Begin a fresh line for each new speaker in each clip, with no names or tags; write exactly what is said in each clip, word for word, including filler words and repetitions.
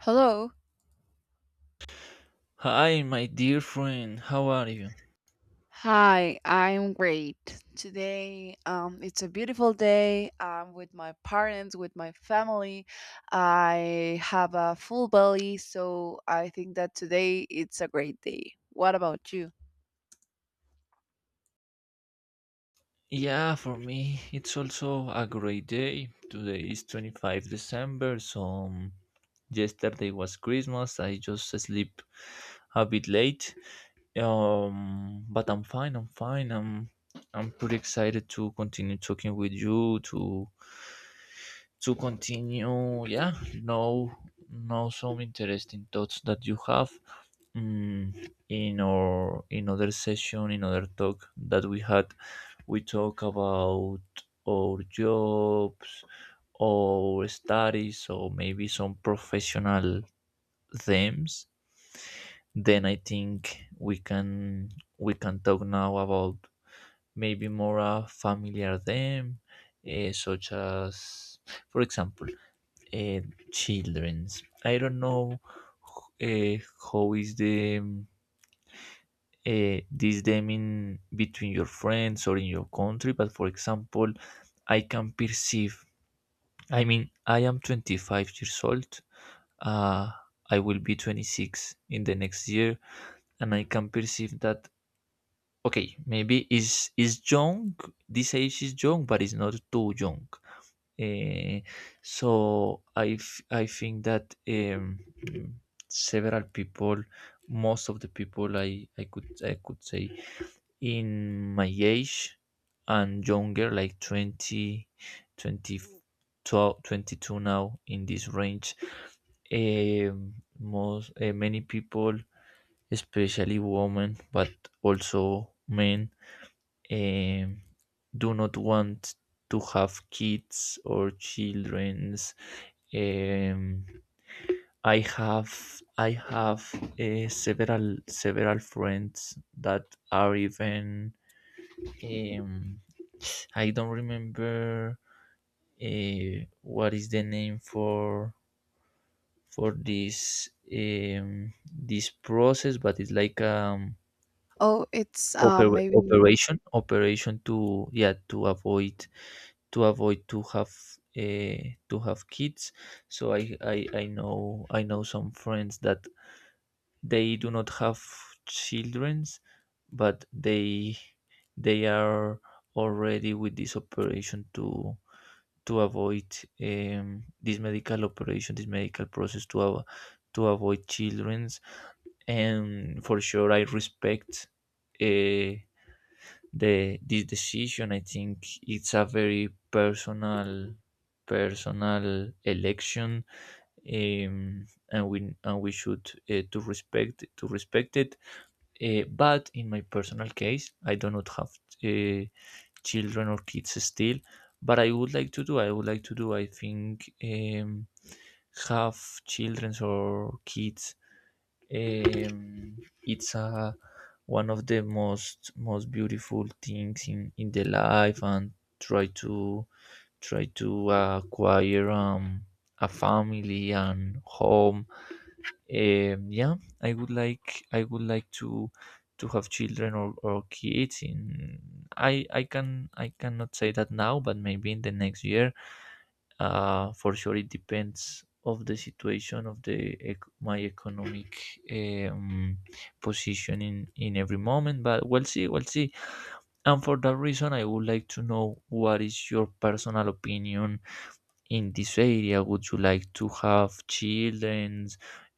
Hello.
Hi, my dear friend, how are you?
Hi, I'm great. Today, um, it's a beautiful day. I'm with my parents, with my family. I have a full belly, so I think that today it's a great day. What about you?
Yeah, for me, it's also a great day. Today is twenty-fifth December, so um, yesterday was Christmas. I just sleep a bit late. Um, but I'm fine, I'm fine. I'm I'm pretty excited to continue talking with you to to continue, yeah, know know some interesting thoughts that you have. mm, in our in other session, in other talk that we had, we talk about our jobs, our studies, or maybe some professional themes. Then I think we can we can talk now about maybe more a familiar theme, eh, such as, for example, uh, children's. I don't know, uh, how is the uh, this them in between your friends or in your country. But, for example, I can perceive, I mean, I am twenty-five years old. uh, I will be twenty-six in the next year, and I can perceive that. Okay, maybe is is young, this age is young, but it's not too young. Eh, so I, f- I think that, um, several people, most of the people, i i could I could say, in my age and younger, like twenty, twenty twelve, twenty two, now in this range. Um, most uh, Many people, especially women but also men, um, do not want to have kids or children's. um, i have I have, uh, several several friends that are even, um, I don't remember uh, what is the name for for this, um, this process, but it's like um
Oh, it's um
oper-
maybe
operation operation to, yeah, to avoid, to avoid to have, uh, to have kids. So I, I I know I know some friends that they do not have childrens, but they they are already with this operation to, to avoid, um, this medical operation, this medical process, to avo- to avoid children's. And for sure, I respect, uh, the this decision. I think it's a very personal personal election, um, and we and we should, uh, to respect to respect it. Uh, but in my personal case, I do not have Uh, children or kids still, but i would like to do I would like to do, I think, um, have children or kids. Um, it's a one of the most most beautiful things in, in the life, and try to, try to acquire, um, a family and home. um, yeah, I would like I would like to, to have children or, or kids in. I I can I cannot say that now, but maybe in the next year. Uh, for sure, it depends of the situation of the, ec- my economic, um, position in, in every moment. But we'll see, we'll see. And for that reason, I would like to know what is your personal opinion in this area. Would you like to have children?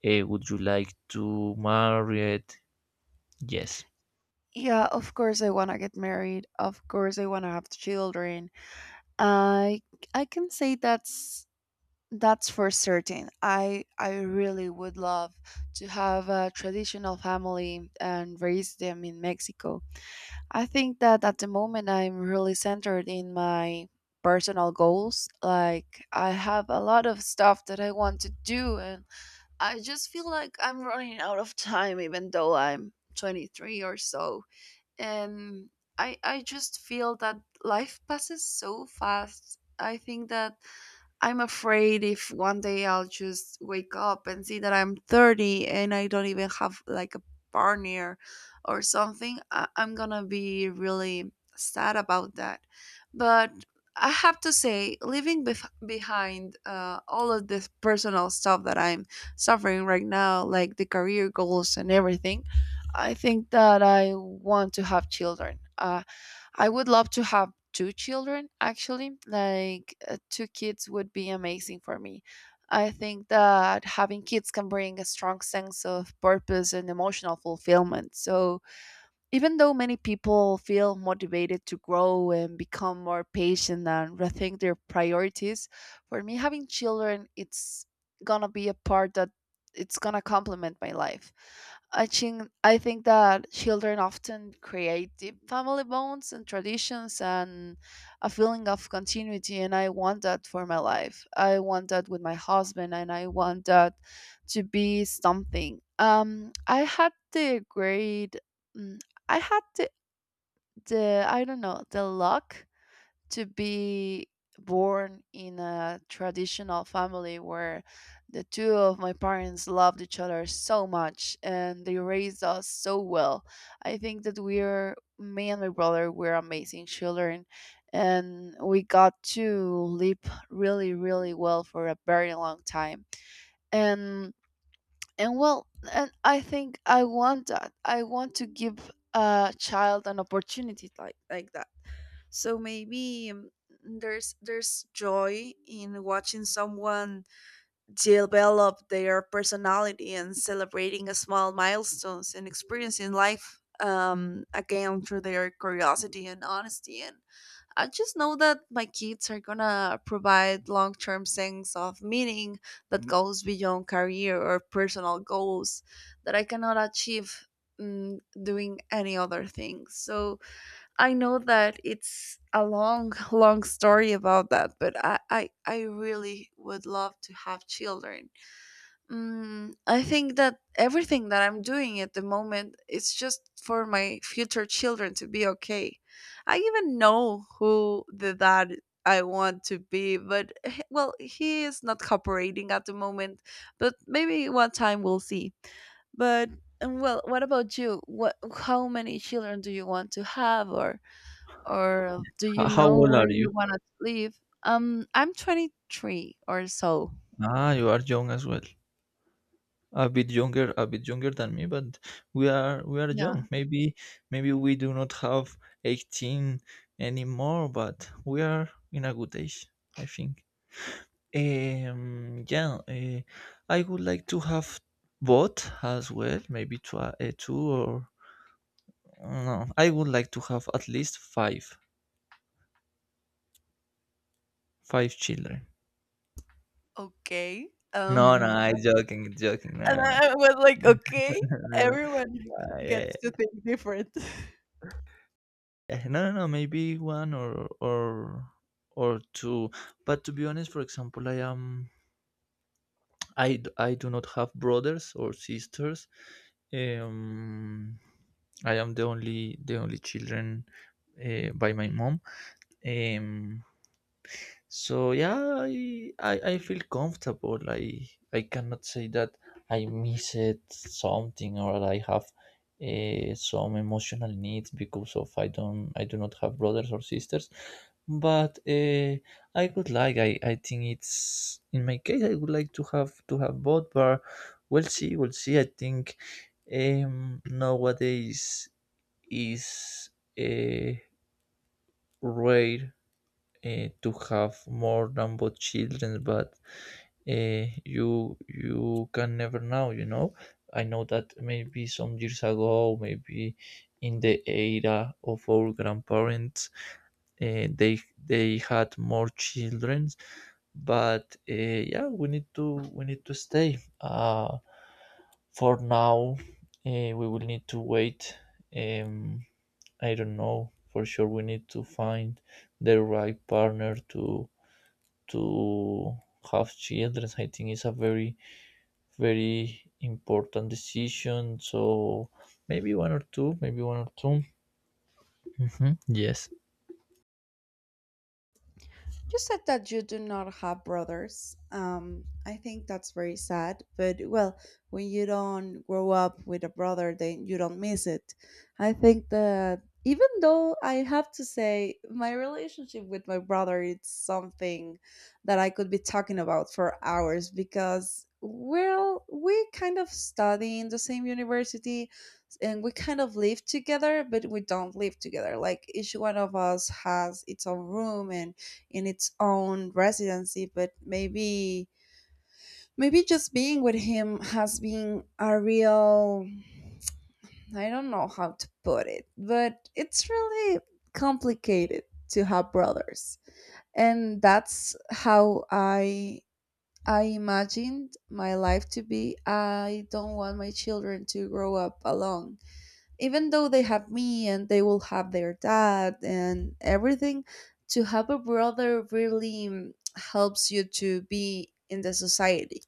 Eh, would you like to marry it? Yes.
yeah, of course I want to get married. Of course I want to have children. I I can say that's That's for certain. I I really would love to have a traditional family and raise them in Mexico. I think that at the moment I'm really centered in my personal goals. Like I have a lot of stuff that I want to do, and I just feel like I'm running out of time even though I'm twenty-three or so. And I I just feel that life passes so fast. I think that I'm afraid if one day I'll just wake up and see that I'm thirty and I don't even have like a partner or something, I- I'm gonna be really sad about that. But I have to say, leaving bef- behind uh, all of this personal stuff that I'm suffering right now, like the career goals and everything, I think that I want to have children. Uh, I would love to have two children, actually. Like, uh, two kids would be amazing for me. I think that having kids can bring a strong sense of purpose and emotional fulfillment. So, even though many people feel motivated to grow and become more patient and rethink their priorities, for me, having children, it's gonna be a part that it's gonna complement my life. I think I think that children often create deep family bonds and traditions and a feeling of continuity, and I want that for my life. I want that with my husband, and I want that to be something. Um, I had the great I had the, the I don't know the luck to be born in a traditional family where the two of my parents loved each other so much and they raised us so well. I think that we're me and my brother were amazing children and we got to live really really well for a very long time. And and well, and I think I want that I want to give a child an opportunity like like that. So maybe um, there's there's joy in watching someone develop their personality and celebrating a small milestones and experiencing life, um, again through their curiosity and honesty. And I just know that my kids are gonna provide long term sense of meaning that goes beyond career or personal goals that I cannot achieve, mm, doing any other thing. So I know that it's a long, long story about that, but I, I, I really would love to have children. Mm, I think that everything that I'm doing at the moment is just for my future children to be okay. I even know who the dad I want to be, but h- well, he is not cooperating at the moment, but maybe one time we'll see. But and well, what about you? What how many children do you want to have, or or do you
H- How
know
old
where
are you?
you want to live? Um, I'm twenty-three or so.
Ah, you are young as well. A bit younger, a bit younger than me, but we are we are
Yeah.
young. Maybe maybe we do not have eighteen anymore, but we are in a good age, I think. Um, yeah, uh, I would like to have both as well, maybe twi- uh, two, or no, I would like to have at least five, five children.
Okay.
No, no,
Um.
I joking, joking.
And
No, no,
I was like,
no,
"Okay,
no, no.
everyone
Uh, yeah,
gets to think different."
yeah. No, no, no, maybe one, or or or two. But to be honest, for example, I am I d- I do not have brothers or sisters. Um, I am the only the only children, uh, by my mom. Um, So yeah, I, I I feel comfortable. I I cannot say that I miss it something, or that I have, uh, some emotional needs because of, I don't I do not have brothers or sisters. But uh, I would like I I think it's, in my case, I would like to have, to have both. But we'll see, we'll see. I think, um nowadays is, uh, rare, uh, to have more than both children, but, uh, you you can never know. You know, I know that maybe some years ago, maybe in the era of our grandparents, uh, they they had more children, but, uh, yeah, we need to we need to stay. Uh, for now, uh, we will need to wait. Um, I don't know for sure. We need to find the right partner to, to have children. I think it's a very, very important decision. So maybe one or two, maybe one or two. hmm Yes.
You said that you do not have brothers. Um, I think that's very sad. But well, when you don't grow up with a brother, then you don't miss it. I think that even though I have to say my relationship with my brother, it's something that I could be talking about for hours because well, we kind of study in the same university and we kind of live together, but we don't live together. Like each one of us has its own room and in its own residency, but maybe maybe just being with him has been a real I don't know how to put it, but it's really complicated to have brothers, and that's how i i imagined my life to be. I don't want my children to grow up alone, even though they have me and they will have their dad and everything. To have a brother really, mm, helps you to be in the society.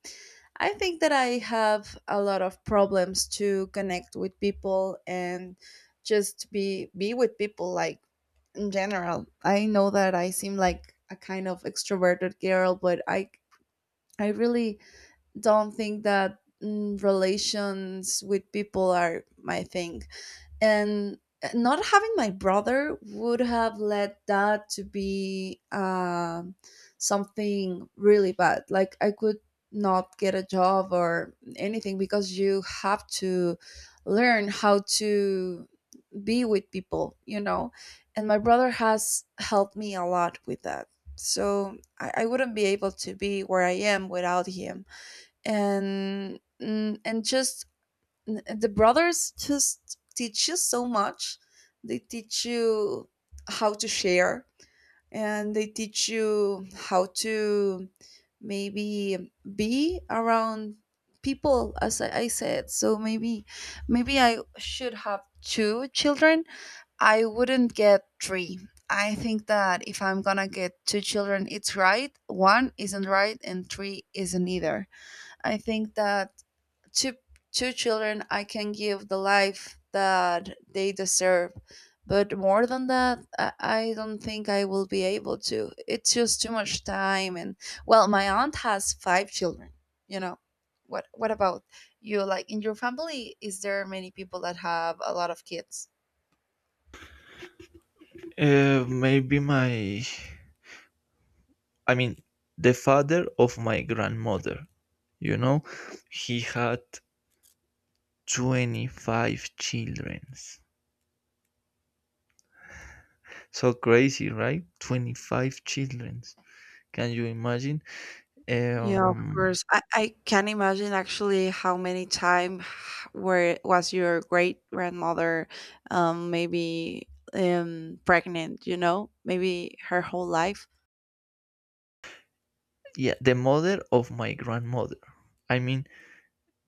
I think that I have a lot of problems to connect with people and just be be with people, like, in general. I know that I seem like a kind of extroverted girl, but i i really don't think that, mm, relations with people are my thing. And uh, not having my brother would have led that to be, um, something really bad, like I could not get a job or anything because you have to learn how to be with people, you know. And my brother has helped me a lot with that, so i, I wouldn't be able to be where I am without him. And, mm, and just the brothers just teach you so much. They teach you how to share, and they teach you how to maybe be around people, as i I said. So maybe maybe I should have two children. I wouldn't get three. I think that if I'm gonna get two children, it's right. One isn't right and three isn't either. I think that to two children I can give the life that they deserve, but more than that, i I don't think I will be able to. It's just too much time. And well, my aunt has five children, you know. what what about you? Like, in your family, is there many people that have a lot of kids?
Uh, maybe my, I mean, the father of my grandmother, you know, he had twenty-five children. So crazy, right? twenty-five children. Can you imagine?
Yeah, of
Um,
course. I, I can imagine actually how many time where was your great grandmother, um maybe, um pregnant, you know? Maybe her whole life.
yeah, the mother of my grandmother. I mean,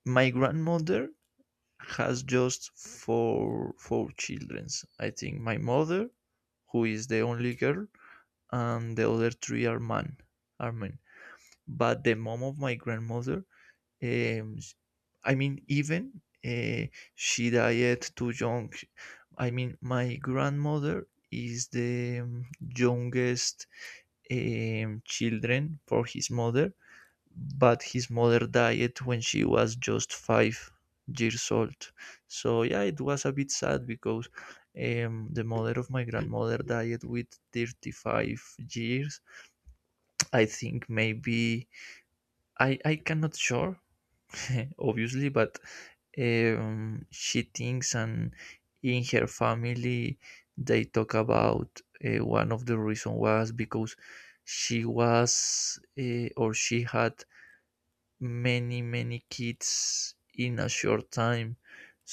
my grandmother has just four four children. I think my mother, who is the only girl, and the other three are man are men. But the mom of my grandmother, um, I mean, even, uh, she died too young. I mean, my grandmother is the, um, youngest, um, children for his mother, but his mother died when she was just five years old. So yeah, it was a bit sad because, um, the mother of my grandmother died with thirty-five years. I think maybe I I cannot sure, obviously, but, um, she thinks, and in her family they talk about, uh, one of the reason was because she was uh, or she had many, many kids in a short time,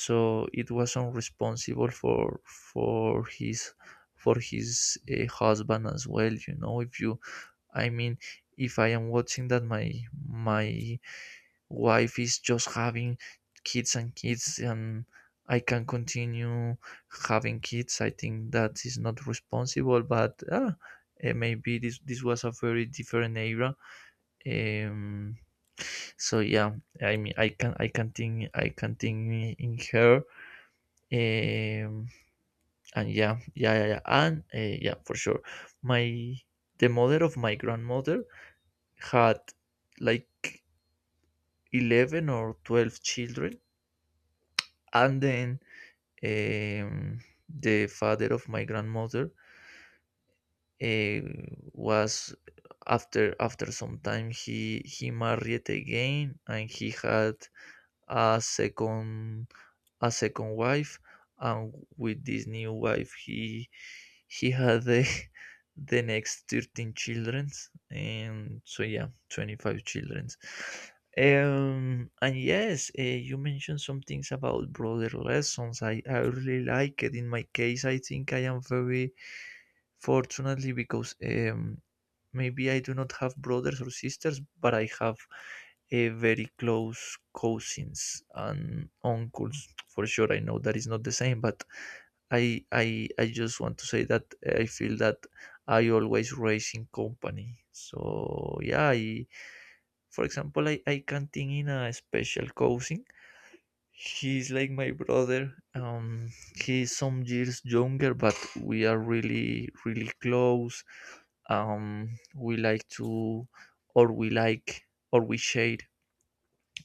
so it was unresponsible for, for his for his uh, husband as well, you know. If you, I mean, if I am watching that my my wife is just having kids and kids, and I can continue having kids, I think that is not responsible. But, uh, maybe this this was a very different era. um, so yeah, I mean, I can I can think I can think in her. Um, and yeah, yeah, yeah, yeah. and uh, Yeah, for sure. My The mother of my grandmother had like eleven or twelve children, and then, um, the father of my grandmother, uh, was, after after some time, he he married again, and he had a second, a second wife. And with this new wife, he he had the the next thirteen children, and so yeah, twenty five children. Um, and yes, uh, you mentioned some things about brother lessons. I, I really like it. In my case, I think I am very fortunately because, um, maybe I do not have brothers or sisters, but I have a very close cousins and uncles, for sure. I know that is not the same, but i i I just want to say that I feel that I always race in company. So yeah, I for example, i I can think in a special cousin, he's like my brother. Um he's some years younger, but we are really, really close. um we like to or we like or We share,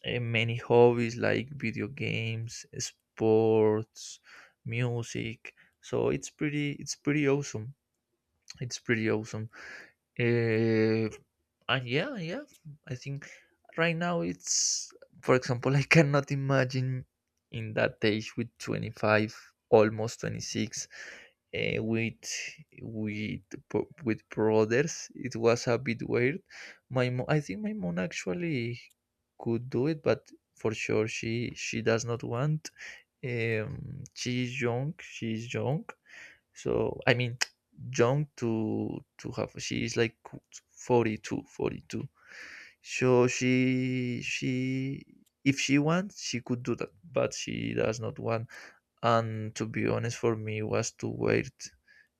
eh, many hobbies like video games, sports, music. So it's pretty it's pretty awesome. It's pretty awesome. Eh, and yeah, yeah, I think right now, it's, for example, I cannot imagine in that age with twenty-five, almost twenty-six, uh, with with bro- with brothers. It was a bit weird. My mom, I think my mom actually could do it, but for sure she she does not want. Um, she is young. She is young, so I mean, young to, to have. She is like forty two, forty two. So she she, if she wants, she could do that, but she does not want. And to be honest, for me was to wait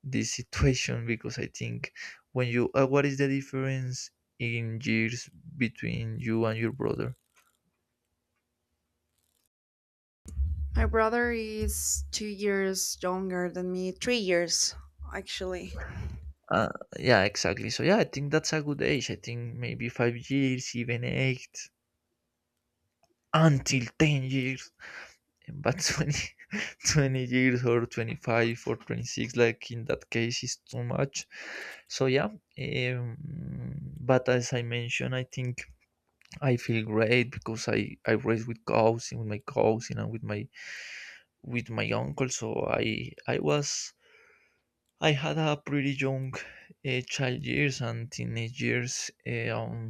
this situation because I think when you uh, what is the difference in years between you and your brother?
My brother is two years younger than me, three years actually.
Uh, yeah, exactly. So yeah, I think that's a good age. I think maybe five years, even eight, until ten years. But twenty, twenty years, or twenty-five, or twenty-six, like in that case is too much. So yeah. um, but as I mentioned, I think I feel great because i I raised with, cousin with my cousin, and with my, with my uncle. So i i was I had a pretty young, uh, child years and teenage years. eh, um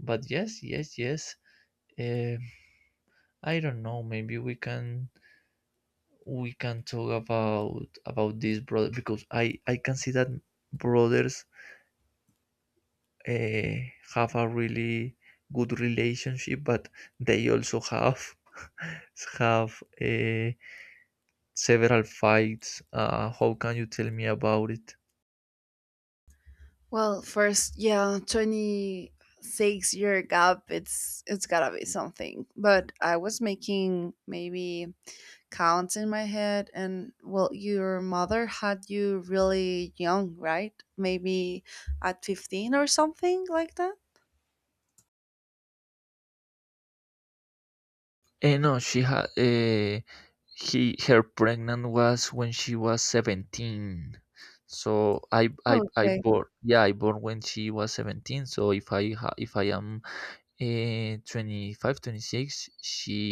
But yes, yes, yes. Eh, I don't know, maybe we can we can talk about, about this brother, because I I can see that brothers, uh, have a really good relationship, but they also have have, uh, several fights. Uh, how can you tell me about it?
Well, first, yeah, twenty six year gap. It's it's gotta be something. But I was making maybe counts in my head, and well, your mother had you really young, right? Maybe at fifteen or something like that.
Eh, no, she had uh, he her pregnant was when she was seventeen. So I
Oh,
I I
okay.
born, yeah, I born when she was seventeen. So if I ha- if I am, Uh, twenty-five, twenty-six, she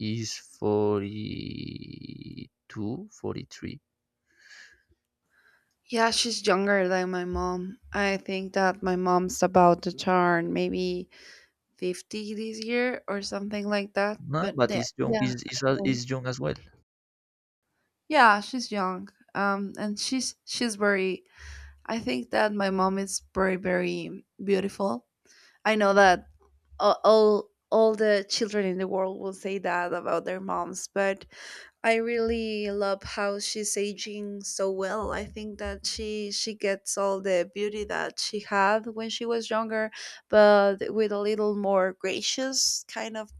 is forty two, forty three.
Yeah, she's younger than my mom. I think that my mom's about to turn maybe fifty this year or something like that,
No,
but
but
yeah
it's young.
yeah.
Is is uh,
Okay.
is young as well.
Yeah, she's young, um and she's she's very I think that my mom is very very beautiful. I know that a- all all the children in the world will say that about their moms, but I really love how she's aging so well. I think that she she gets all the beauty that she had when she was younger, but with a little more gracious kind of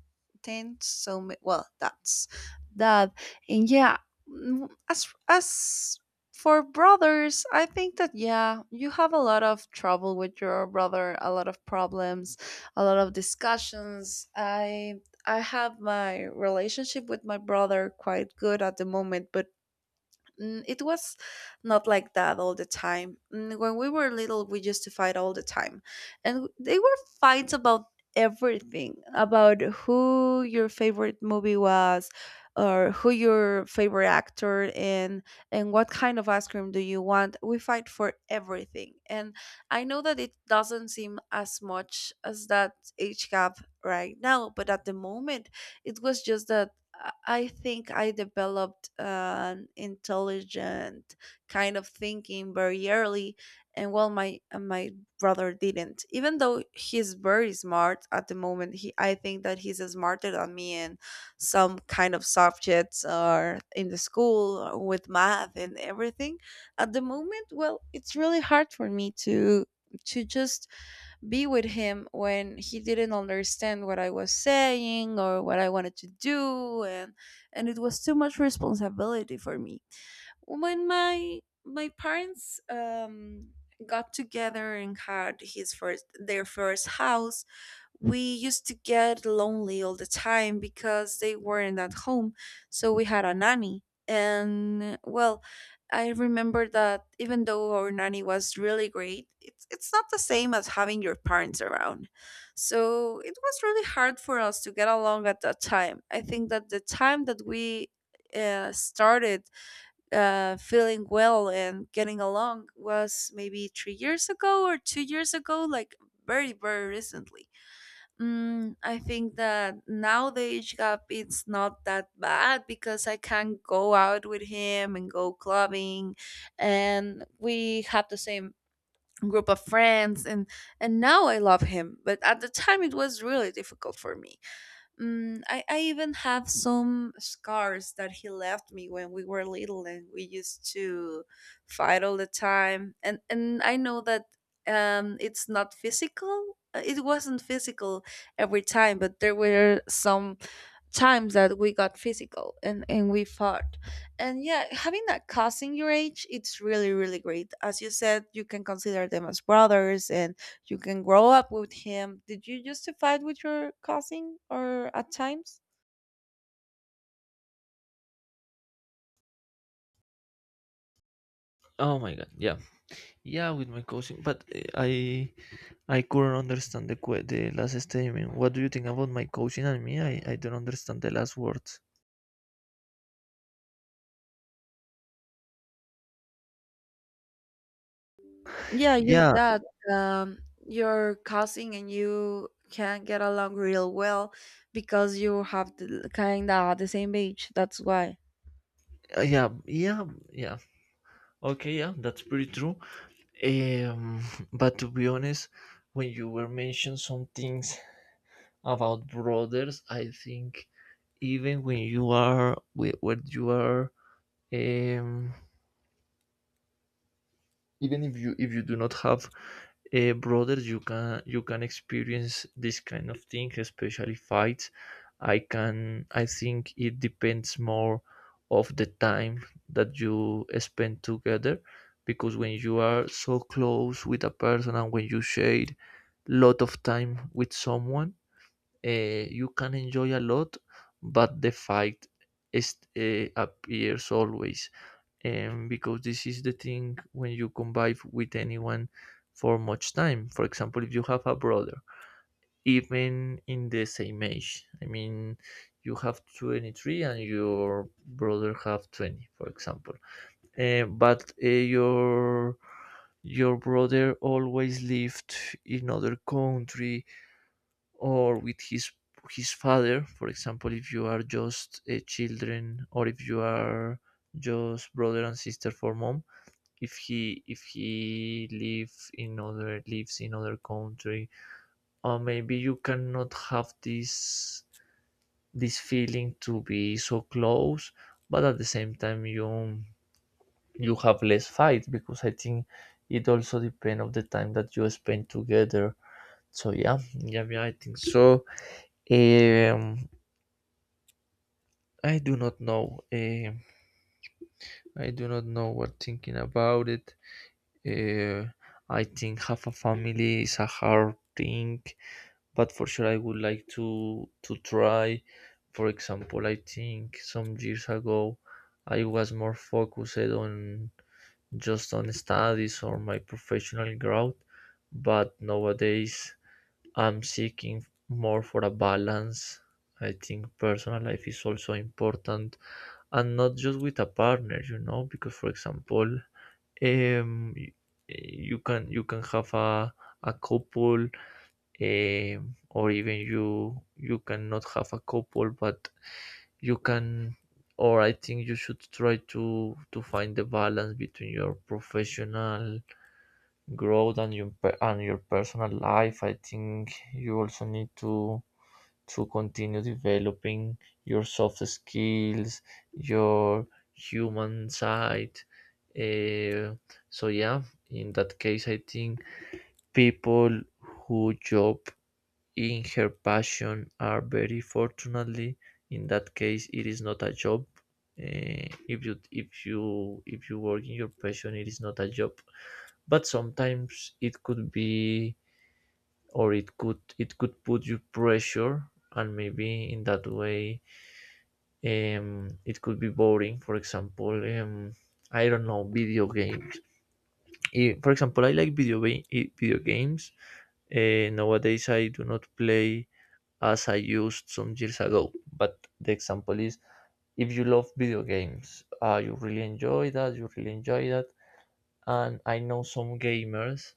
tend. So ma- well, that's that. And yeah, mm, as as for brothers, I think that, yeah, you have a lot of trouble with your brother, a lot of problems, a lot of discussions. I i have my relationship with my brother quite good at the moment, but Mm, it was not like that all the time. Mm, When we were little, we used to fight all the time. And they were fights about everything, about who your favorite movie was or who your favorite actor, and and what kind of ice cream do you want. We fight for everything. And I know that it doesn't seem as much as that age gap right now, but at the moment it was just that. I I think I developed an intelligent kind of thinking very early, and well, my uh, my brother didn't. Even though he's very smart at the moment, he I think that he's smarter than me in some kind of subjects or in the school or with math and everything. At the moment, well, it's really hard for me to to just be with him when he didn't understand what I was saying or what I wanted to do. and and it was too much responsibility for me. When my my parents um got together and had his first their first house, we used to get lonely all the time because they weren't at home. So we had a nanny. And well, I remember that even though our nanny was really great, it's, it's not the same as having your parents around. So it was really hard for us to get along at that time. I think that the time that we uh, started uh, feeling well and getting along was maybe three years ago or two years ago, like very, very recently. Mm, I think that now the age gap it's not that bad because I can go out with him and go clubbing, and we have the same group of friends, and and now I love him. But at the time, it was really difficult for me. Mm, I, I even have some scars that he left me when we were little and we used to fight all the time. And and I know that um it's not physical. uh, It wasn't physical every time, but there were some times that we got physical and and we fought. And yeah, having that cousin your age, it's really really great, as you said. You can consider them as brothers, and you can grow up with him. Did you used to fight with your cousin or at times?
Oh my god. Yeah. Yeah, with my cousin. But uh, I I couldn't understand the que- the last statement. What do you think about my cousin and me? I I don't understand the last words.
Yeah, use
Yeah.
that, um your cousin and you can get along real well because you have the kind of the same age. That's why
uh, Yeah. Yeah. Yeah. Okay, yeah, that's pretty true. Um, but to be honest, when you were mentioning some things about brothers, I think even when you are with when you are um even if you if you do not have a brother, you can you can experience this kind of thing, especially fights. I can i think it depends more of the time that you spend together, because when you are so close with a person and when you share lot of time with someone, uh, you can enjoy a lot, but the fight is uh, appears always, um, because this is the thing when you convive with anyone for much time. For example, if you have a brother, even in the same age, I mean, you have twenty-three and your brother have twenty, for example. Uh, but uh, your your brother always lived in other country, or with his his father, for example, if you are just a children, or if you are just brother and sister for mom. If he if he live in other lives in other country, or maybe you cannot have this this feeling to be so close. But at the same time, you you have less fight, because I think it also depends of the time that you spend together. So yeah, yeah, yeah, I think so. um I do not know. um I do not know what thinking about it. uh, I think have a family is a hard thing, but for sure I would like to to try. For example, I think some years ago I was more focused on just on studies or my professional growth, but nowadays I'm seeking more for a balance. I think personal life is also important, and not just with a partner, you know, because for example, um y- you can you can have a a couple. Um, or even you you cannot have a couple, but you can. Or I think you should try to to find the balance between your professional growth and your per- and your personal life. I think you also need to to continue developing your soft skills, your human side. uh, so yeah, in that case I think people who job in her passion are very fortunately. In that case, it is not a job. Eh, if you if you if you work in your passion, it is not a job. But sometimes it could be, or it could it could put you pressure, and maybe in that way, um it could be boring. For example, um I don't know, video games. Eh, for example, I like video, eh, video games. Eh, nowadays I do not play as I used some years ago. But the example is, if you love video games, uh, you really enjoy that, you really enjoy that. And I know some gamers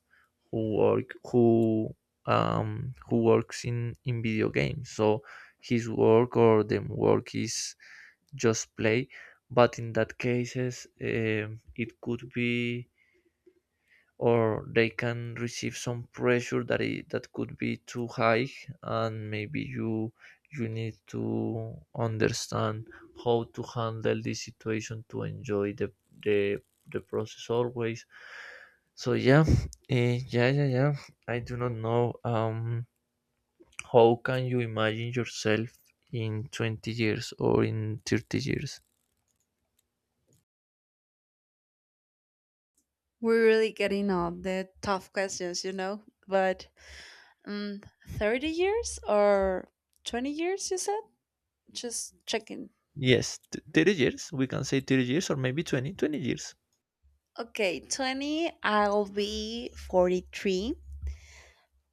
who work who um who works in in video games. So his work, or the work, is just play. But in that cases, um, it could be, or they can receive some pressure that it, that could be too high. And maybe you you need to understand how to handle this situation to enjoy the the, the process always. So yeah. Eh, yeah, yeah, yeah. I do not know. Um how can you imagine yourself in twenty years or in thirty years?
we're really getting on the tough questions, you know. But Mm, thirty years or twenty years, you said? Just checking.
Yes t- thirty years, we can say thirty years, or maybe twenty twenty years.
Okay, twenty, I'll be forty-three.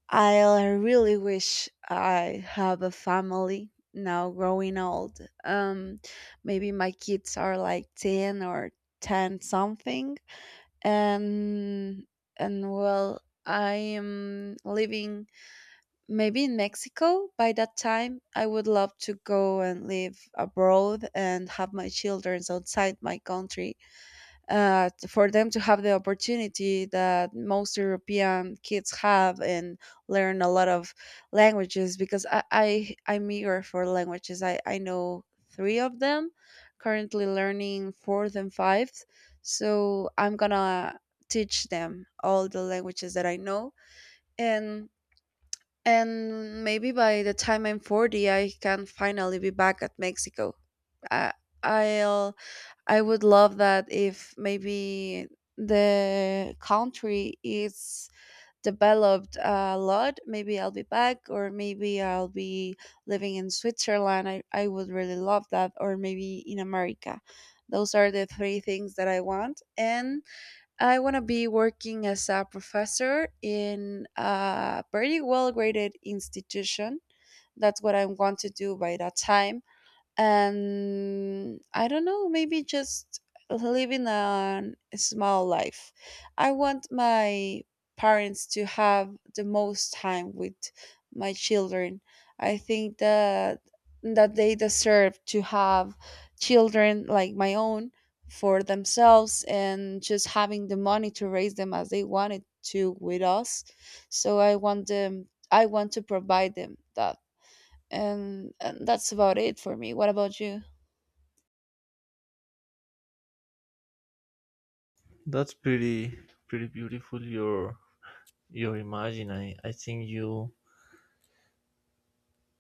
I really wish I have a family now growing old. Um, maybe my kids are like ten or ten something. And, and well, I am living maybe in Mexico by that time. I would love to go and live abroad and have my children outside my country, uh, for them to have the opportunity that most European kids have and learn a lot of languages, because I, I I'm eager for languages. I, I know three of them, currently learning fourth and fifth. So I'm gonna teach them all the languages that I know. and and maybe by the time I'm forty, I can finally be back at Mexico. I, I'll I would love that. If maybe the country is developed a lot, maybe I'll be back, or maybe I'll be living in Switzerland. I, I would really love that, or maybe in America. Those are the three things that I want. And I want to be working as a professor in a very well graded institution. That's what I want to do by that time. And I don't know, maybe just living a small life. I want my parents to have the most time with my children. I think that that they deserve to have children like my own for themselves, and just having the money to raise them as they wanted to with us. So I want them I want to provide them that. and, and that's about it for me. What about you?
That's pretty pretty beautiful, your your imagine. I, I think you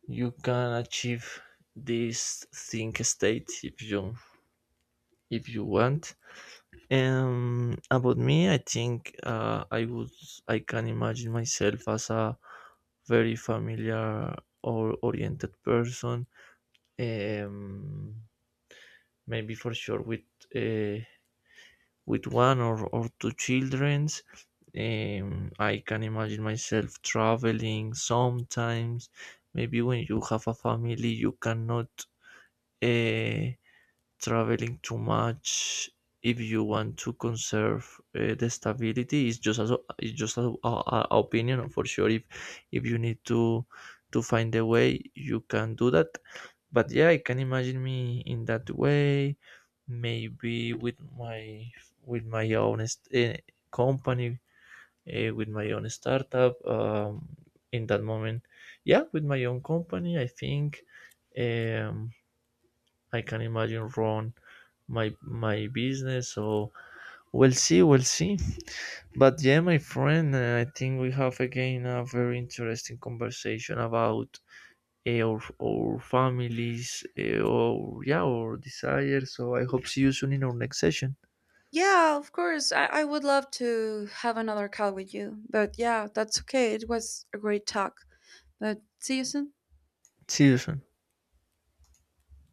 you can achieve this think state if you if you want. Um about me, I think, uh, I would I can imagine myself as a very familiar or oriented person. Um Maybe for sure with, uh, with one or, or two children. Um, I can imagine myself traveling sometimes. Maybe when you have a family, you cannot uh, traveling too much, if you want to conserve uh, the stability. It's just as it's just a, a, a opinion, for sure. If if you need to to find a way, you can do that. But yeah, I can imagine me in that way, maybe with my with my own, uh, company, uh, with my own startup, um, in that moment. Yeah, with my own company, I think, um, I can imagine run my my business. So we'll see we'll see. But yeah, my friend, uh, I think we have again a very interesting conversation about, uh, our, our families, uh, or yeah, our desires. So I hope see you soon in our next session.
Yeah, of course. I, I would love to have another call with you. But yeah, that's okay. It was a great talk. But see you soon.
See you soon.